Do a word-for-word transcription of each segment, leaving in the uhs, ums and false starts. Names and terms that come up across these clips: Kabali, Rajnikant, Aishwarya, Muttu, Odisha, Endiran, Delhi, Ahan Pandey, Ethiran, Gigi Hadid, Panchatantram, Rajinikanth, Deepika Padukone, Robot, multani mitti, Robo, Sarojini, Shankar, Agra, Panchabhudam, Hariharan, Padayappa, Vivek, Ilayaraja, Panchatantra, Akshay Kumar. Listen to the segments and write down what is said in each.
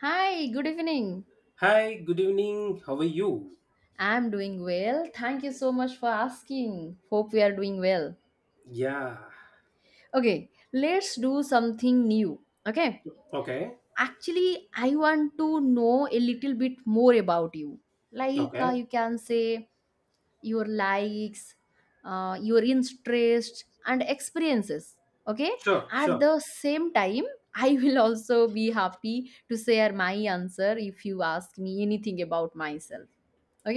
Hi, good evening. Hi, good evening. How are you? I'm doing well. Thank you so much for asking. Hope we are doing well. Yeah. Okay, let's do something new. Okay, Okay. actually, I want to know a little bit more about you. Like uh, Okay. you can say your likes, uh, your interests, and experiences. Okay, Sure, at sure. the same time, I will also be happy to share my answer if you ask me anything about myself.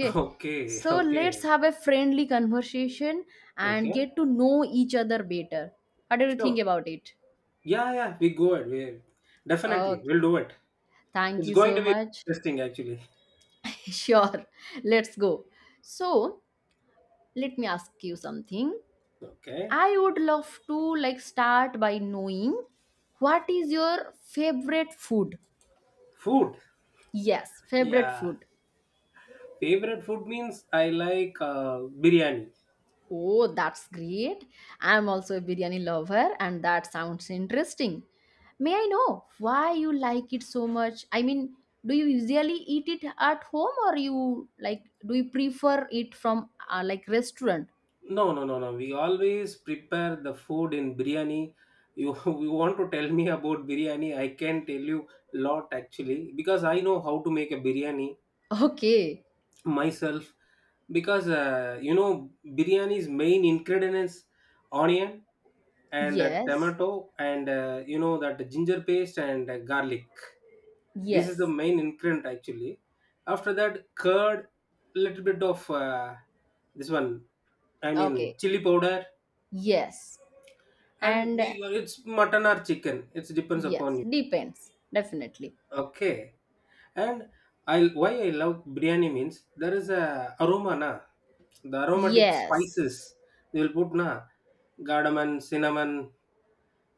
Okay, so let's okay, have a friendly conversation and okay. get to know each other better. What do you think Sure. about it? Yeah, yeah, we go ahead. We definitely Oh, we'll do it. thank It's you going so to be much. interesting actually. Sure, let's go. So, let me ask you something. Okay. I would love to like start by knowing what is your favorite food? Food. Yes, favorite Yeah. food. Favorite food means I like uh, biryani. Oh, that's great. I'm also a biryani lover, and that sounds interesting. May I know why you like it so much? I mean, do you usually eat it at home or you like do you prefer it from uh, like restaurant? No, no, no, no, we always prepare the food in biryani. You, you want to tell me about biryani? I can tell you lot actually because I know how to make a biryani Okay. myself because uh, you know biryani's main ingredients, onion and uh, Yes. tomato and uh, you know that ginger paste and uh, garlic, this is the Yes. main ingredient actually. After that, curd, little bit of uh, this one, I mean Okay. chili powder, Yes. and And uh, we- it's mutton or chicken, it depends yes, upon you, depends. Definitely. okay. And I, why I love biryani means there is a aroma na, the aromatic Yes. spices they will put na, cardamom, cinnamon.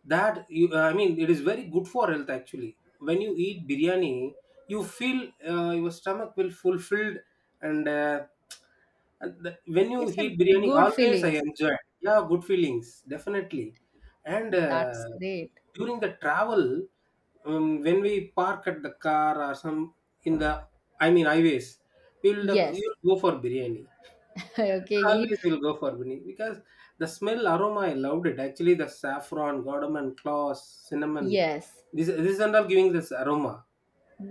That, you, I mean it is very good for health actually. When you eat biryani, you feel uh, your stomach will fulfilled, and, uh, and the- when you It's eat a biryani good always I feelings. enjoy, yeah good feelings definitely. And That's uh, great. during the travel, um, when we park at the car or some in the, I mean highways, we'll def- Yes. we'll go for biryani. Okay, eat. Always we'll go for biryani because the smell aroma I loved it actually, the saffron, cardamom, cloves, cinnamon, Yes, this this and all giving this aroma.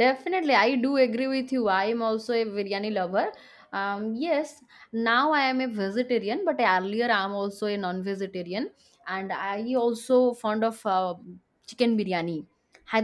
definitely. I do agree with you. I am also a biryani lover. Um, yes, now I am a vegetarian, but earlier I am also a non-vegetarian, and I also fond of uh, chicken biryani.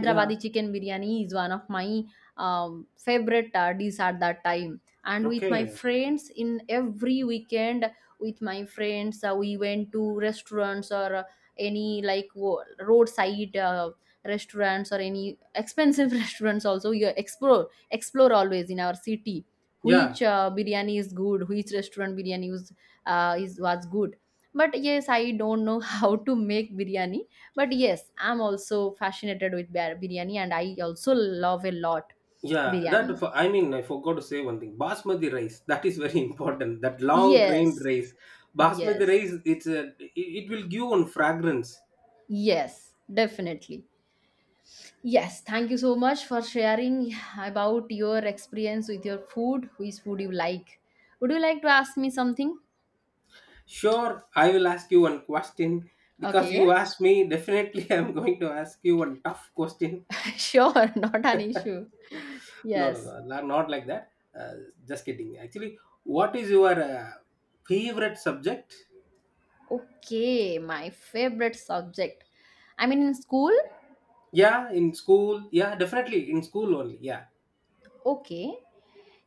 Yeah. chicken biryani is one of my um, favorite uh, dish at that time. And with my Okay. friends, in every weekend, with my friends, uh, we went to restaurants or uh, any like wo- roadside uh, restaurants or any expensive restaurants also you explore explore always in our city, Yeah. which uh, biryani is good, which restaurant biryani was, uh, is was good. But yes, I don't know how to make biryani, but yes, I'm also fascinated with bir- biryani, and I also love a lot Yeah. biryani. That for, I mean, I forgot to say one thing. Basmati rice. That is very important. That long grain Yes, rice. Basmati yes, rice. It's a. It, it will give one fragrance. yes, definitely. Yes, thank you so much for sharing about your experience with your food, which food you like. Would you like to ask me something? Sure. I will ask you one question because Okay, you asked me. Definitely, I'm going to ask you one tough question. sure, not an issue. No, no, Yes. no, la- not like that. Uh, just kidding. Actually, what is your uh, favorite subject? Okay, my favorite subject. I mean, in school. Yeah, in school. Yeah, definitely in school only. Yeah, Okay.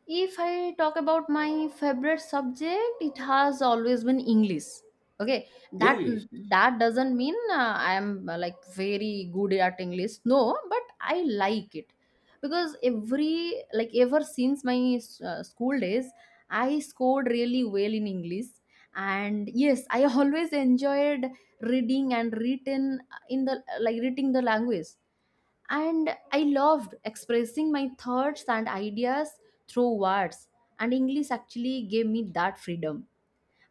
If I talk about my favorite subject, it has always been English. Okay, that English. that doesn't mean uh, I am uh, like very good at English. No, but I like it because every like ever since my uh, school days, I scored really well in English. And yes, I always enjoyed reading and written in the like reading the language, and I loved expressing my thoughts and ideas through words. And English actually gave me that freedom.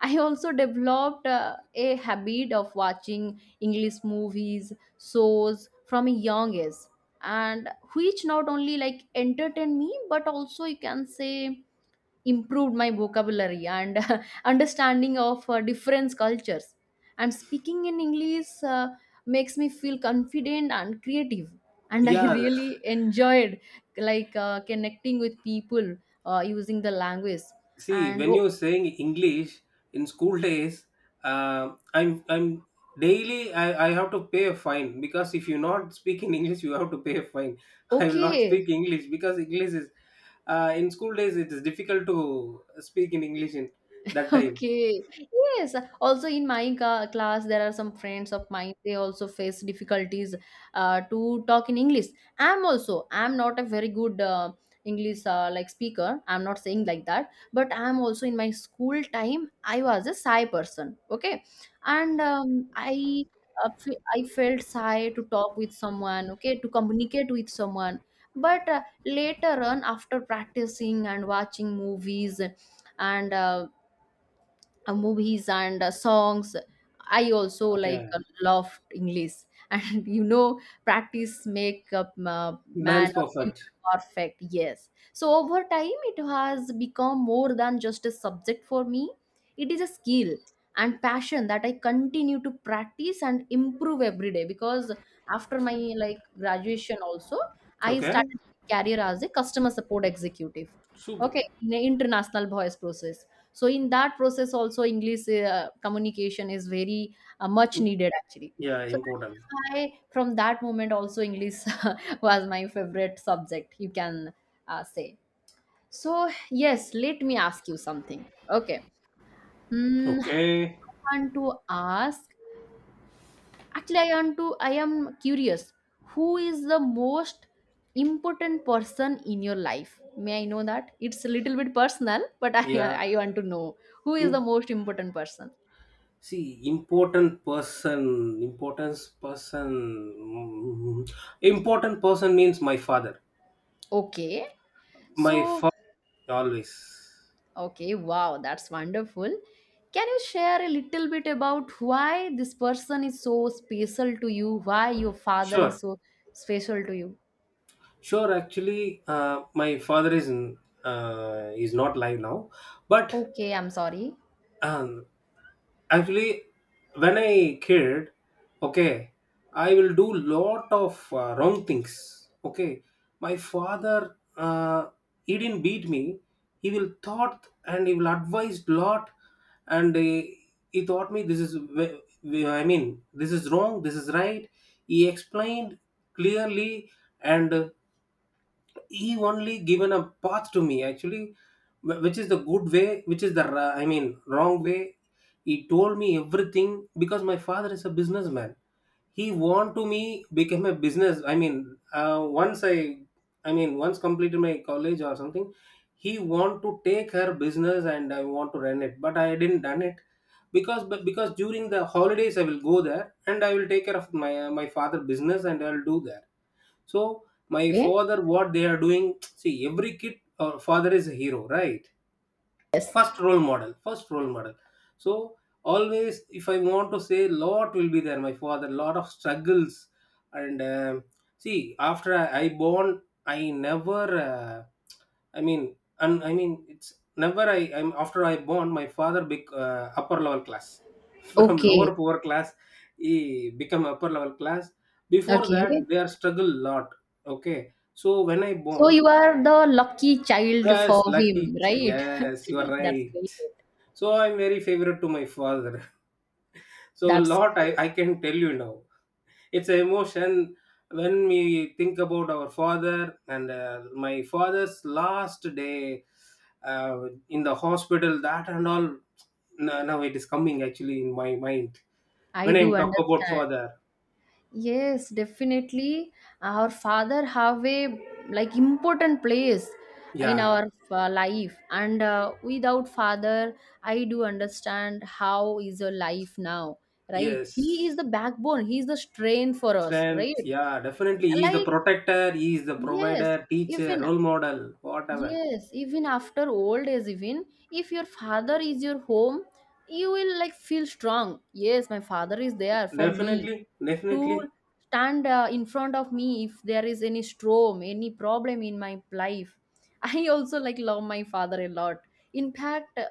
I also developed uh, a habit of watching English movies, shows from a young age, and which not only like entertain me but also you can say improved my vocabulary and understanding of uh, different cultures. And speaking in English uh, makes me feel confident and creative, and I Yeah. really enjoyed like uh, connecting with people uh, using the language See, and when o- you're saying English in school days, uh, I'm I'm daily I, I have to pay a fine because if you not speak in English, you have to pay a fine. I will not okay. speak English because English is uh, in school days it is difficult to speak in English in that time. Okay. Yes. Also, in my ca- class, there are some friends of mine. They also face difficulties uh, to talk in English. I'm also. I'm not a very good uh, English uh, like speaker. I'm not saying like that. But I'm also in my school time, I was a shy person. Okay, and um, I uh, fe- I felt shy to talk with someone. Okay, to communicate with someone. But uh, later on, after practicing and watching movies and uh, uh, movies and uh, songs, I also like Okay. uh, love English and you know practice make a uh, man Man's or people perfect. perfect. Yes, so over time it has become more than just a subject for me. It is a skill and passion that I continue to practice and improve every day, because after my like graduation also, I Okay, started my career as a customer support executive, super. okay, in an international voice process. So in that process also English uh, communication is very uh, much needed actually. Yeah, So that important. is why from that moment also English was my favorite subject, you can uh, say. So yes, let me ask you something. Okay. Hmm, I Okay. want to ask. Actually, I want to I am curious, who is the most important person in your life? May I know that? It's a little bit personal, but i Yeah. i want to know who is the most important person. See, important person, importance person, mm, important person means my father. Okay. My So, father always. okay, wow, that's wonderful. Can you share a little bit about why this person is so special to you? Why your father Sure, is so special to you? sure. Actually, uh, my father is n- uh, is not live now, but Okay, I'm sorry. um, actually when I kid, okay, I will do lot of uh, wrong things, okay. My father, uh, he didn't beat me, he will thought and he will advise lot, and he, he taught me this is ve- ve- I mean this is wrong, this is right. He explained clearly, and uh, he only given a path to me actually, wh- which is the good way, which is the ra- I mean wrong way. He told me everything because my father is a businessman. He want to me become a business, I mean uh, once i i mean once completed my college or something, he want to take her business and I want to run it but I didn't done it, because, but because during the holidays I will go there and I will take care of my my father business and I'll do that. So my Yeah. father what they are doing, see every kid or father is a hero right? Yes. First role model, first role model. So always if I want to say lot will be there, my father lot of struggles. And um, see after i, I born, I never uh, I mean, and I mean it's never i I'm after I born my father bec- uh, upper level class from lower Okay. poor class. He become upper level class. Before that Okay. they are struggle lot, okay. So when I So born, you are the lucky child for yes, lucky. him, ch- right? Yes, you are That's right. great. So I'm very favorite to my father. So a That's lot I, great. I can tell you now. It's an emotion when we think about our father, and uh, my father's last day uh, in the hospital. That and all. Now, now it is coming actually in my mind I when do I'm talk about understand. father. Yes, definitely. Our father have a like important place in Yeah. our uh, life, and uh, without father, I do understand how is your life now, right? He is the Yes. backbone. He is the strength for us, right? Strength. Yeah. Definitely, he is the Like protector. He is the yes, provider, teacher, even role model, whatever. yes, even after old age, even if your father is your home, you will like feel strong. Yes, my father is there for me Definitely, to definitely. stand uh, in front of me if there is any storm, any problem in my life. I also like love my father a lot. In fact, uh,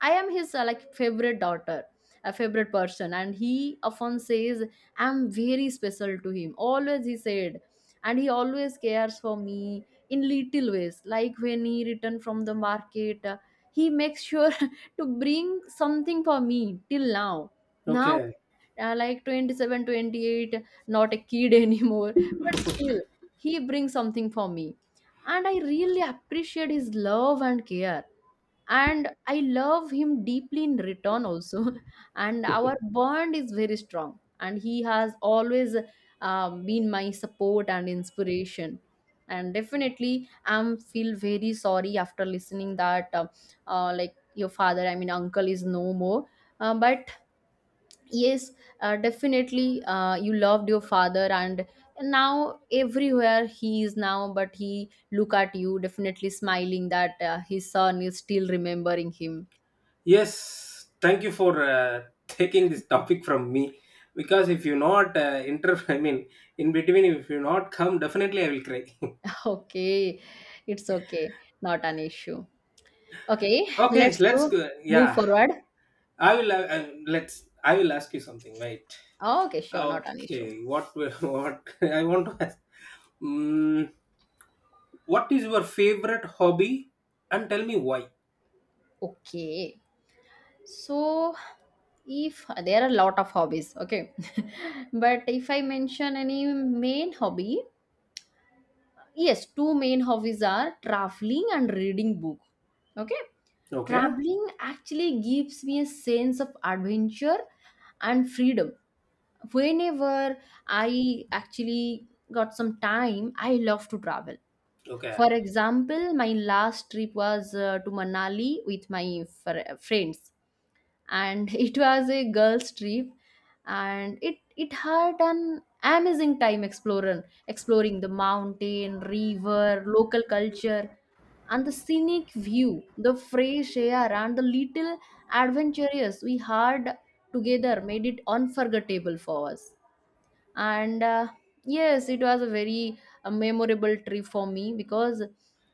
I am his uh, like favorite daughter, a favorite person. And he often says I'm very special to him, always he said. And he always cares for me in little ways, like when he returned from the market, uh, he makes sure to bring something for me till now now Okay. Uh, like twenty-seven, twenty-eight, not a kid anymore, but still he brings something for me, and I really appreciate his love and care, and I love him deeply in return also. And our bond is very strong, and he has always um, been my support and inspiration. And definitely I'm feel very sorry after listening that uh, uh, like your father, I mean uncle, is no more. Uh, but yes, uh, definitely, uh, you loved your father, and now everywhere he is now, but he look at you definitely smiling that uh, his son is still remembering him. Yes, thank you for uh, taking this topic from me because if you not uh, inter, I mean, in between, if you not come, definitely I will cry. Okay, it's okay, not an issue. Okay, Okay, let's let's go, go. move Yeah, forward. I will. Uh, uh, let's, I will ask you something. Wait. Okay, sure, not an issue. Okay. What? will- What? I want to ask. Mm, what is your favorite hobby, and tell me why? Okay, so if there are a lot of hobbies, okay. But if I mention any main hobby, yes, two main hobbies are traveling and reading book. Okay, Okay. traveling actually gives me a sense of adventure and freedom. Whenever I actually got some time, I love to travel. Okay. For example, my last trip was uh, to Manali with my fr- friends, and it was a girls trip, and it it had an amazing time exploring exploring the mountain, river, local culture, and the scenic view, the fresh air, and the little adventures we had together made it unforgettable for us. And uh, yes, it was a very uh, memorable trip for me, because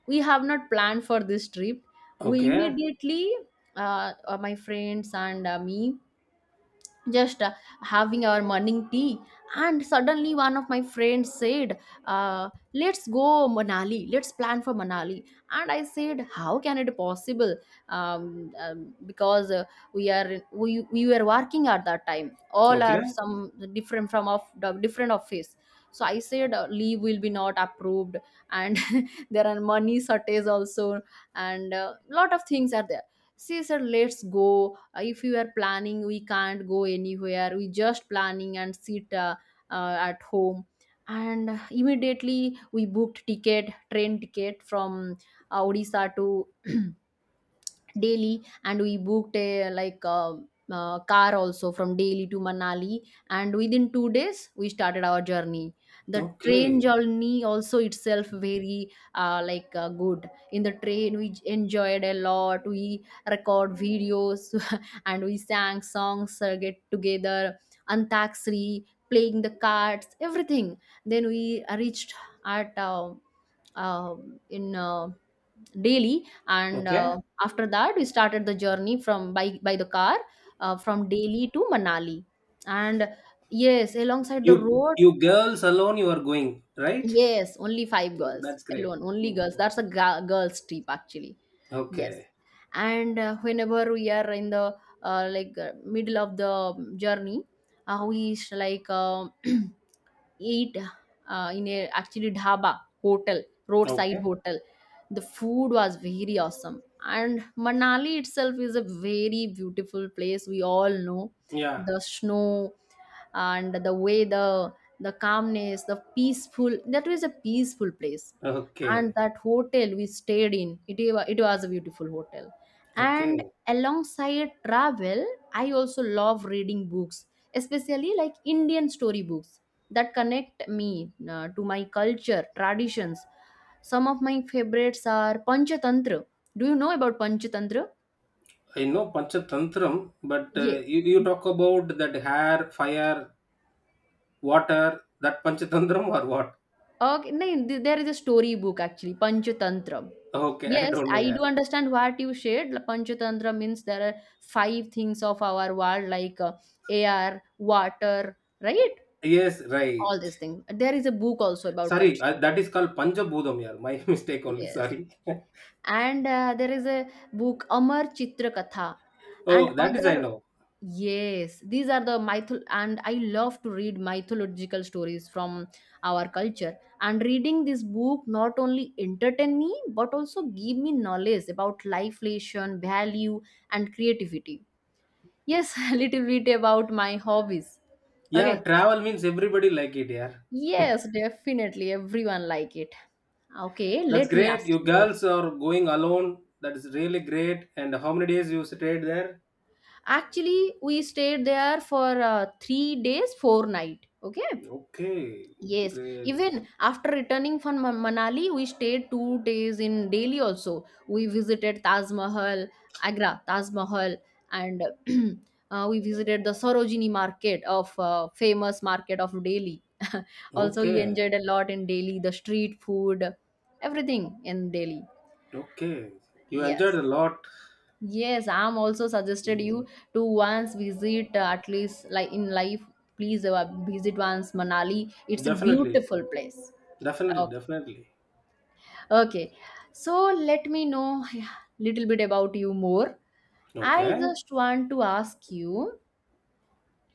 we have not planned for this trip. We Okay. immediately uh, uh, my friends and uh, me just uh, having our morning tea, and suddenly one of my friends said, uh, let's go Manali, let's plan for Manali. And I said, how can it possible? Um, um, because uh, we are we, we were working at that time, all are Okay. some different from of the different office. So I said, uh, leave will be not approved, and there are money shortage also, and a lot of things are there. She said, let's go, uh, if you are planning, we can't go anywhere, we just planning and sit uh, uh, at home. And immediately we booked ticket, train ticket from uh, Odisha to Delhi, and we booked a like a, uh, car also from Delhi to Manali. And within two days we started our journey. The train Okay. journey also itself very uh, like uh, good. In the train we enjoyed a lot, we record videos and we sang songs, uh, get together, antakshari, playing the cards, everything. Then we reached at uh, uh, in uh, daily, and Okay. uh, after that we started the journey from by by the car uh, from Delhi to Manali. And yes, alongside the You road, you girls alone you are going, right? yes, only five girls That's great. alone, only girls, Mm. that's a ga- girls trip actually. Yes. Okay. And uh, whenever we are in the uh, like uh, middle of the journey, uh, we sh- like uh, eat uh, in a actually dhaba hotel, roadside Okay. hotel. The food was very awesome, and Manali itself is a very beautiful place. We all know Yeah. the snow and the way the the calmness, the peaceful. That was a peaceful place, and Okay. that hotel we stayed in it, wa- it was a beautiful hotel. And Okay. alongside travel, I also love reading books, especially like Indian story books that connect me uh, to my culture, traditions. Some of my favorites are Panchatantra. Do you know about Panchatantra? I know Panchatantram, but Yeah. uh, you, you talk about that hair, fire, water, that Panchatantram or what? Okay, no, th- there is a story book actually, Panchatantram. Okay, I Yes, don't know, I yeah. do understand what you shared. La- Panchatantra means there are five things of our world like uh, air, water, right? Yes, right. All these things. There is a book also about Sorry, uh, Panchatantra. that is called Panchabhudam, yeah. My mistake only, Yes. sorry. And uh, there is a book, Amar Chitra Katha, and Oh, that is I other. know. Yes, these are the myth, and I love to read mythological stories from our culture. And reading this book not only entertain me but also give me knowledge about life lesson, value, and creativity. Yes, a little bit about my hobbies. Yeah, Okay. travel means everybody like it, yeah. Yes, definitely. Everyone like it. Okay, That's let me ask great. You you. girls are going alone. That is really great. And how many days you stayed there? Actually, we stayed there for uh, three days, four night. Okay. Okay, Yes, great. even after returning from Man- Manali, we stayed two days in Delhi also. We visited Taj Mahal, Agra, Taj Mahal, and uh, we visited the Sarojini market of uh, famous market of Delhi. Also, we Okay, enjoyed a lot in Delhi, the street food, everything in Delhi. okay. You enjoyed Yes. a lot. Yes, I'm also suggested you to once visit uh, at least like in life. Please uh, visit once Manali. It's a Definitely, beautiful place. definitely, Okay. definitely. Okay. So let me know, yeah, little bit about you more. I Okay, just want to ask you,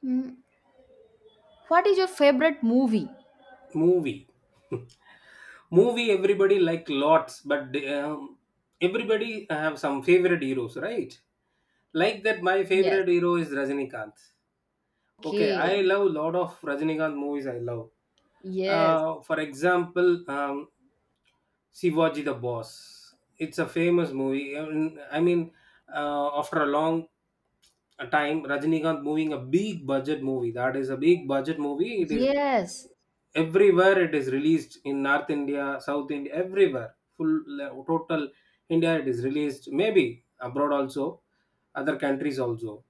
mm, what is your favorite movie? movie. Movie everybody like lots, but um, everybody have some favorite heroes right? Like that, my Yes. favorite hero is Rajinikanth. Okay, I Okay. love lot of Rajinikanth movies. I love Yes. uh, for example um, Shivaji the Boss. It's a famous movie. I mean, I mean, uh, after a long a time Rajinikanth moving a big budget movie. That is a big budget movie. It is Yes. everywhere. It is released in North India, South India, everywhere. Full le- total India it is released. Maybe abroad also, other countries also.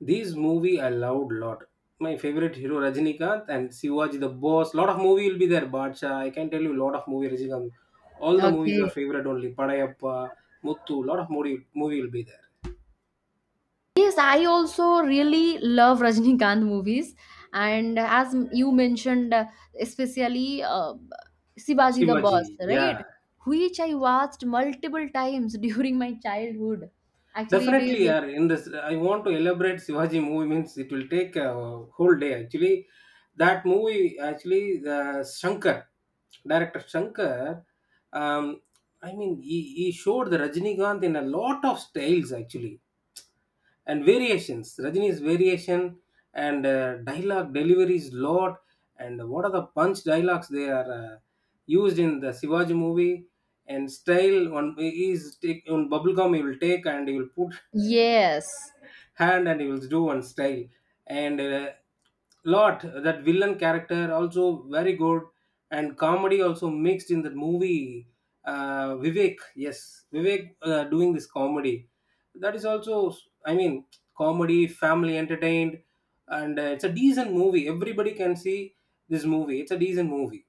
These movie I loved lot. My favorite hero Rajinikanth and Sivaji the Boss. Lot of movie will be there. Bacha. I can tell you lot of movie Rajinikanth. All the movies are Okay. favorite only. Padayappa, Muttu. Lot of movie movie will be there. Yes, I also really love Rajnikant movies, and as you mentioned, uh, especially uh, Sivaji the Boss, Shivaji. Yeah. right? Which I watched multiple times during my childhood. Actually, it Definitely, is yeah. In this, I want to elaborate Shivaji movie means it will take a whole day. Actually, that movie actually the Shankar, director Shankar, um, I mean he, he showed the Rajinikanth in a lot of styles actually and variations. Rajini's variation and uh, dialogue deliveries lot, and what are the punch dialogues they are uh, used in the Shivaji movie, and style one is take on bubblegum, he will take and he will put yes, hand and he will do one style. And uh, lot, that villain character also very good, and comedy also mixed in that movie. uh, Vivek, yes, Vivek uh, doing this comedy, that is also, I mean, comedy family entertained. And uh, it's a decent movie, everybody can see this movie, it's a decent movie.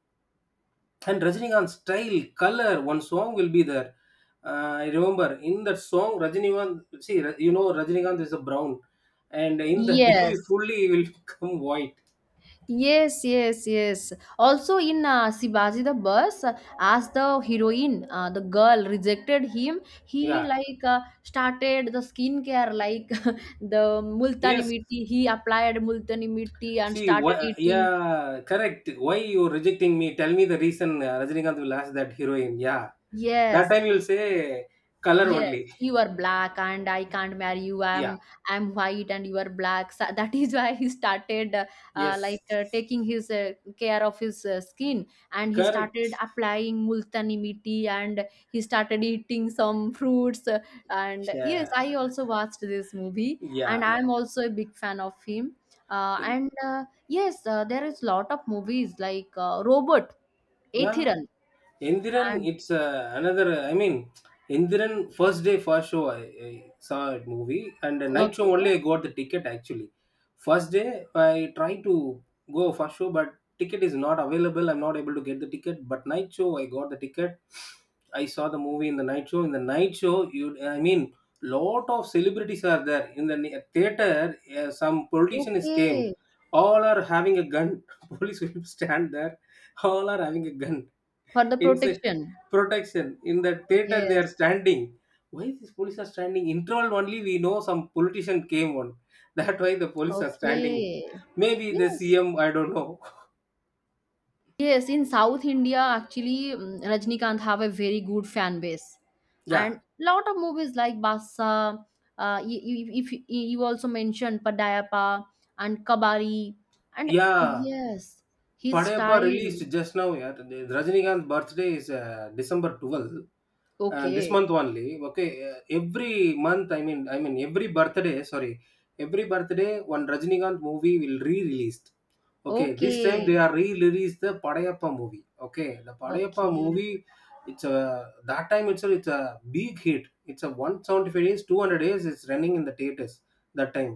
And Rajinikanth's style, color, one song will be there. Uh, I remember in that song, Rajinikanth, see, Ra- you know, Rajinikanth is a brown, and in that movie, yes. fully he will become white. Yes, yes, yes. Also, in uh, Sibaji the bus, uh, as the heroine, uh, the girl rejected him, he Yeah, like uh, started the skincare like the multani yes. mitti. He applied multani mitti and See, why, started uh, eating. yeah, correct. Why you rejecting me? Tell me the reason. Uh, Rajinikanth will ask that heroine. Yeah, that Yes, time you'll say color yes, only. you are black and I can't marry you. Yeah, I'm I'm white and you are black. So that is why he started uh, uh, yes, like uh, taking his uh, care of his uh, skin and he started correct. applying multani mitti and he started eating some fruits uh, and yes, Yeah, I also watched this movie and yeah, yeah, I'm also a big fan of him. Uh, and uh, yes, uh, there is lot of movies like uh, Robot, yeah. Ethiran, Endiran, and it's uh, another. I mean, Endiran first day first show I, I saw a movie and the night show okay, only I got the ticket actually. First day I tried to go first show but ticket is not available. I'm not able to get the ticket. But night show I got the ticket. I saw the movie in the night show. In the night show, you I mean, lot of celebrities are there in the ne- theater. Uh, some politician is came. okay, All are having a gun. Police will stand there. All are having a gun, for the inside protection. protection. In the Oh, theater, they yes. are standing. Why these police are standing? Interval only we know some politician came on. That why the police are standing. Okay. Maybe the Yes. C M, I don't know. Yes. In South India, actually, mm, Rajnikanth have a very good fan base, Yeah. and lot of movies like Basa. Uh, you, you, if you, you also mentioned Padayappa and Kabari, and uh, Yeah, yes, his "Padayappa" style. released just now. Yeah, the Rajinikanth birthday is uh, December twelfth, and this Okay. month only. Okay, uh, every month. I mean, I mean every birthday. Sorry, every birthday one Rajinikanth movie will re-released. Okay, this time Okay. they are re-released the Padayappa movie. Okay, the Padayappa Okay. movie. It's a that time itself. It's a big hit. It's a one hundred seventy-five days, two hundred days. It's running in the theaters that time.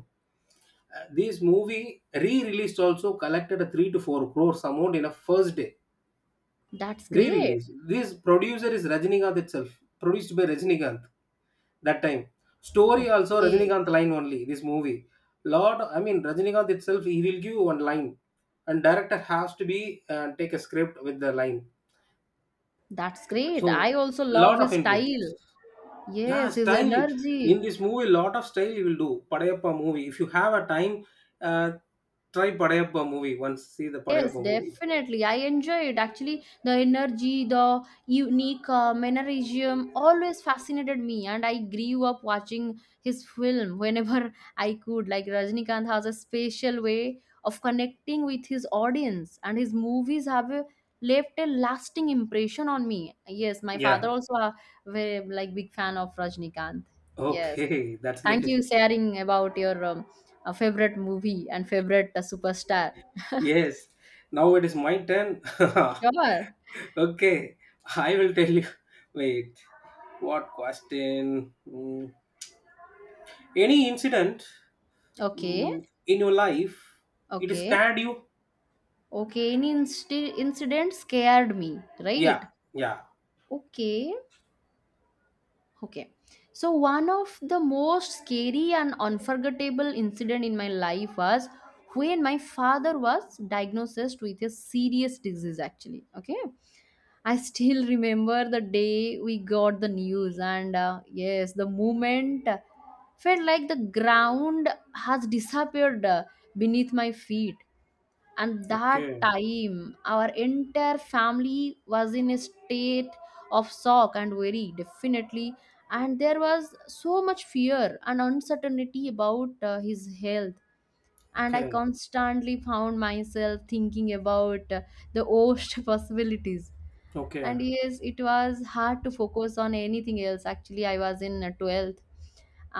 Uh, this movie re-released also collected a three to four crores amount in a first day That's great. re-release. This producer is Rajinikanth itself. Produced by Rajinikanth that time. Story also Okay. Rajinikanth line only this movie. Lot I mean, Rajinikanth itself, he will give one line and director has to be uh, take a script with the line. That's great. I So also love lot of his input. style. Yeah, Yes, his style. energy. In this movie, lot of style you will do. Padayappa movie. If you have a time, uh, try Padayappa movie. Once see the Padayappa Yes, movie. definitely. I enjoy it. Actually, the energy, the unique uh, mannerism always fascinated me, and I grew up watching his film whenever I could. Like Rajnikant has a special way of connecting with his audience, and his movies have a, left a lasting impression on me. Yes, my father Yeah. also a very like big fan of Rajnikant. Yes, Okay, that's thank great. you sharing about your um, uh, favorite movie and favorite uh, superstar. Yes. Now it is my turn. Sure. Okay, I will tell you. Wait, what question? Mm, Any incident Okay, mm, in your life it okay, scared you? okay. Any insti- incident scared me, Yeah. right? Yeah. Okay, okay. So one of the most scary and unforgettable incident in my life was when my father was diagnosed with a serious disease. Actually, okay. I still remember the day we got the news, and uh, yes, the moment felt like the ground has disappeared uh, beneath my feet, and that Okay. time our entire family was in a state of shock and worry, definitely, and there was so much fear and uncertainty about uh, his health, and I Okay. constantly found myself thinking about uh, the worst possibilities, Okay. and yes, it was hard to focus on anything else. Actually, I was in uh, twelfth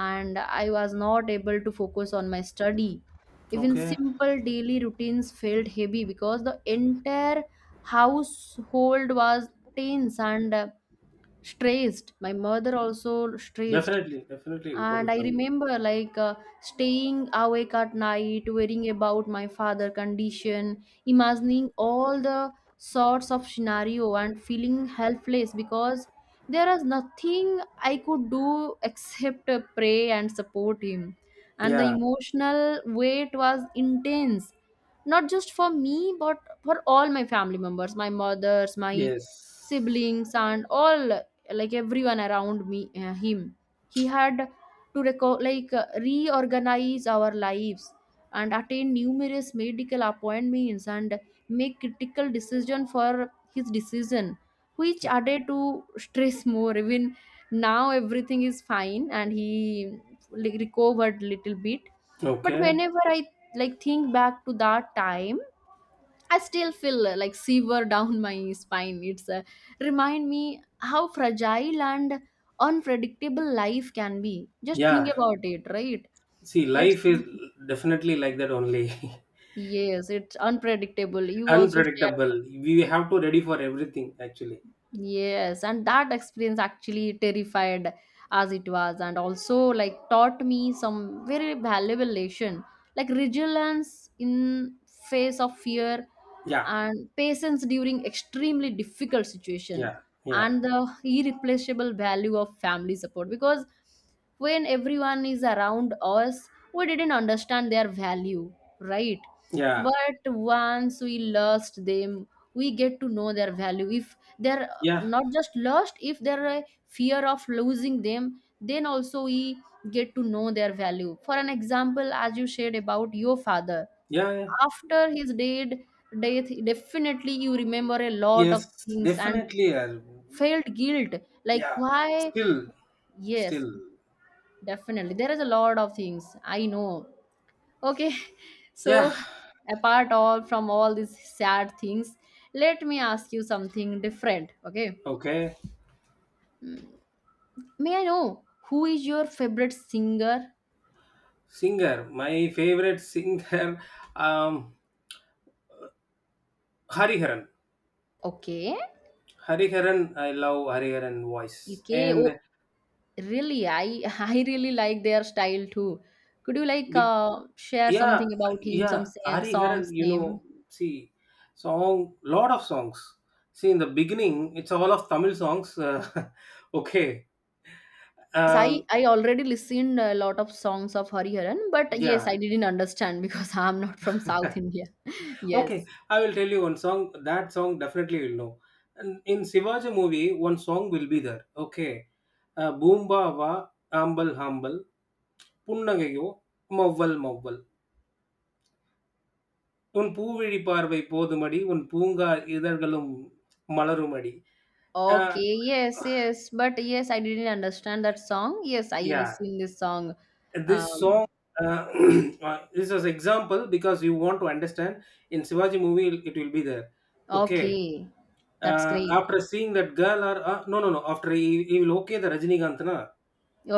and I was not able to focus on my study. Even Okay. simple daily routines felt heavy because the entire household was tense and uh, stressed. My mother also stressed, Definitely. Definitely. and Total I family. remember like uh, staying awake at night worrying about my father condition, imagining all the sorts of scenario and feeling helpless because there is nothing I could do except uh, pray and support him, and the Yeah, emotional weight was intense, not just for me but for all my family members, my mothers, my yes. siblings, and all, like everyone around me. Uh, him, he had to reco- like uh, reorganize our lives and attain numerous medical appointments and make critical decision for his decision, which added to stress more. Even now everything is fine and he like, recovered little bit, but Okay. whenever I like think back to that time, I still feel uh, like shiver down my spine. It's uh, remind me how fragile and unpredictable life can be. Just think Yeah. about it, right? See, It's life is definitely like that only. yes, it's unpredictable. You also share. Unpredictable. We have to ready for everything actually. Yes, and that experience actually terrified as it was, and also like taught me some very valuable lesson, like resilience in face of fear, Yeah, and patience during extremely difficult situation, yeah, yeah, and the irreplaceable value of family support. Because when everyone is around us, we didn't understand their value, right? yeah, But once we lost them, we get to know their value. If their yeah, not just lost, if there are a fear of losing them, then also we get to know their value. For an example, as you shared about your father, yeah, yeah. after his dead death, definitely you remember a lot of Yes, things and definitely. uh, felt guilt like Yeah. why, Still, yes, still. definitely there is a lot of things I know. Okay. So Yeah. apart all from all these sad things, let me ask you something different. Okay. Okay. May I know who is your favorite singer? Singer. My favorite singer, um, Hariharan. Okay. Hariharan. I love Hariharan voice. Okay. Oh, And really? I I really like their style too. Could you like be- uh, share yeah, something about him, yeah. some sang Ari Haran, songs you name? know, see, song, lot of songs. See, in the beginning, it's all of Tamil songs. Uh, okay. Yes, I Um, I already listened a lot of songs of Hariharan, but yeah. yes, I didn't understand because I'm not from South India. Okay, Yes. I will tell you one song. That song definitely you'll know. And in Shivaji movie, one song will be there. Okay. Uh, பூம்பாவா ஆம்பல் ஆம்பல் புன்னகையோ மௌவல் மௌவல் உன் பூவிழி பார்வை போதுமடி உன் பூங்கா இதழ்களும் மலருமடி. uh, Okay, yes, yes, but yes, I didn't understand that song. Yes, I yeah, listened this song. this song Um, uh, uh, is as example because you want to understand. In Shivaji movie it it will be there. Okay, okay, that's uh, great. after seeing that girl or uh, no, no, no, after he, he will okay the Rajinikanth na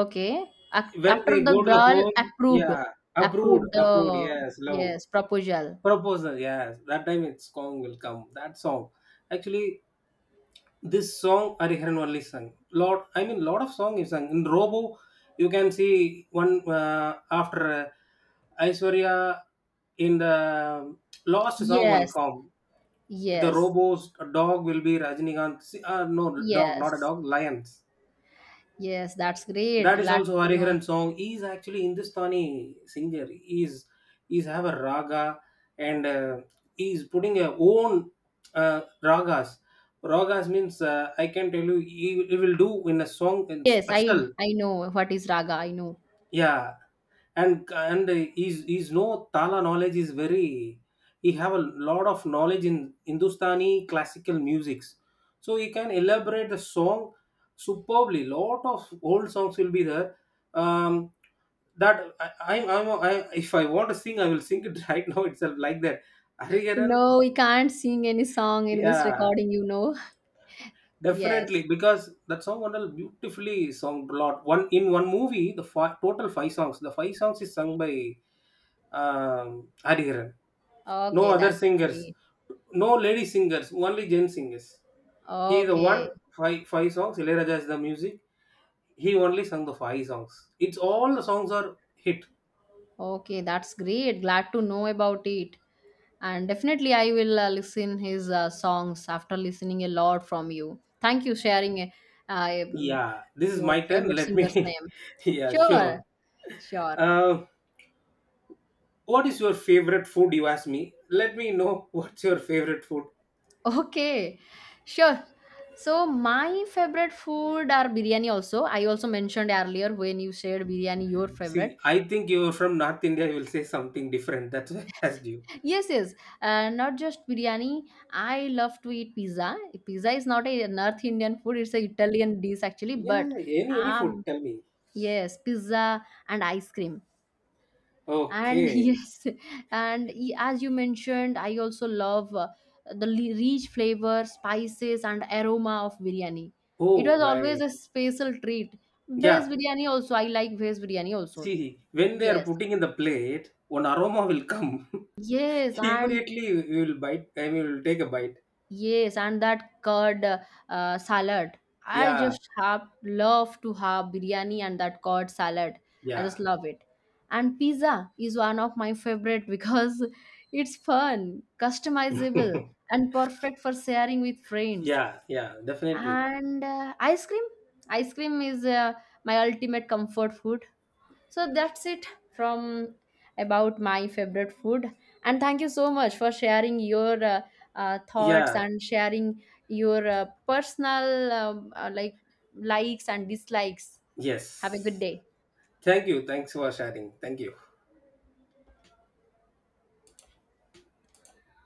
Okay. Ac when after they the go to the girl home. approved, Yeah, approved, approved approved. the Yes, love yes proposal. proposal. Yes, that time its song will come. That song actually, this song Hariharan only sung. Lot, I mean, lot of song is sung. In Robo, you can see one uh, after uh, Aishwarya in the last song one Yes, come. The yes, Robo's dog will be Rajinikanth. See, uh, no, dog, not a yes, dog, lions. yes. That's great. That is Glad also to know. Hariharan song. He is actually Hindustani singer. He is he's have a raga, and uh, he is putting a own uh, ragas. Ragas means uh, I can tell you he, he will do in a song in Yes, I special. I know what is raga. I know. Yeah. And and his his no tala knowledge is very. He have a lot of knowledge in Hindustani classical musics, so he can elaborate the song superbly. Lot of old songs will be there. Um that I, I'm, I'm I, if I want to sing, I will sing it right now itself like that. Hariharan, No, we can't sing any song in this yeah, recording. You know. definitely Yes. because that song wonderful beautifully sung a lot. One in one movie, the five, total five songs. The five songs is sung by um, Hariharan. No Okay, other that's singers, great. no lady singers, only Jain singers. He is the Okay, one five five songs. Ilayaraja is the music. He only sung the five songs. It's all the songs are hit. okay, that's great. Glad to know about it. And definitely I will uh, listen his uh, songs after listening a lot from you. Thank you sharing uh, um, Yeah, this is your my turn. favorite Let singer's me. name. Yeah, Sure. sure. Sure. Uh, what is your favorite food? You ask me. Let me know what's your favorite food. Okay, sure. So my favorite food are biryani also. I also mentioned earlier when you shared biryani your favorite. See, I think you're from North India. You will say something different. That's why I asked you. Yes, yes, uh, not just biryani, I love to eat pizza. Pizza is not a north indian food, it's a italian dish actually, but Yeah, any any food. um Tell me. yes, pizza and ice cream. And Okay. yes, and y- as you mentioned, I also love uh, the li- rich flavor, spices, and aroma of biryani. It Oh, was always right. a special treat. Veg Yeah. biryani also, I like veg biryani also. See, when they are Yes, putting in the plate, one aroma will come. yes, and Immediately we will bite and we will take a bite. yes, and that curd uh, uh, salad. I Yeah, just have love to have biryani and that curd salad. I yeah, just love it. And pizza is one of my favorite because it's fun, customizable, and perfect for sharing with friends. yeah, yeah, definitely. And uh, ice cream, ice cream is uh, my ultimate comfort food. So that's it from about my favorite food. And thank you so much for sharing your uh, uh, thoughts Yeah, and sharing your uh, personal um, uh, like likes and dislikes. Have a good yes. day. Thank you. Thanks for sharing. Thank you.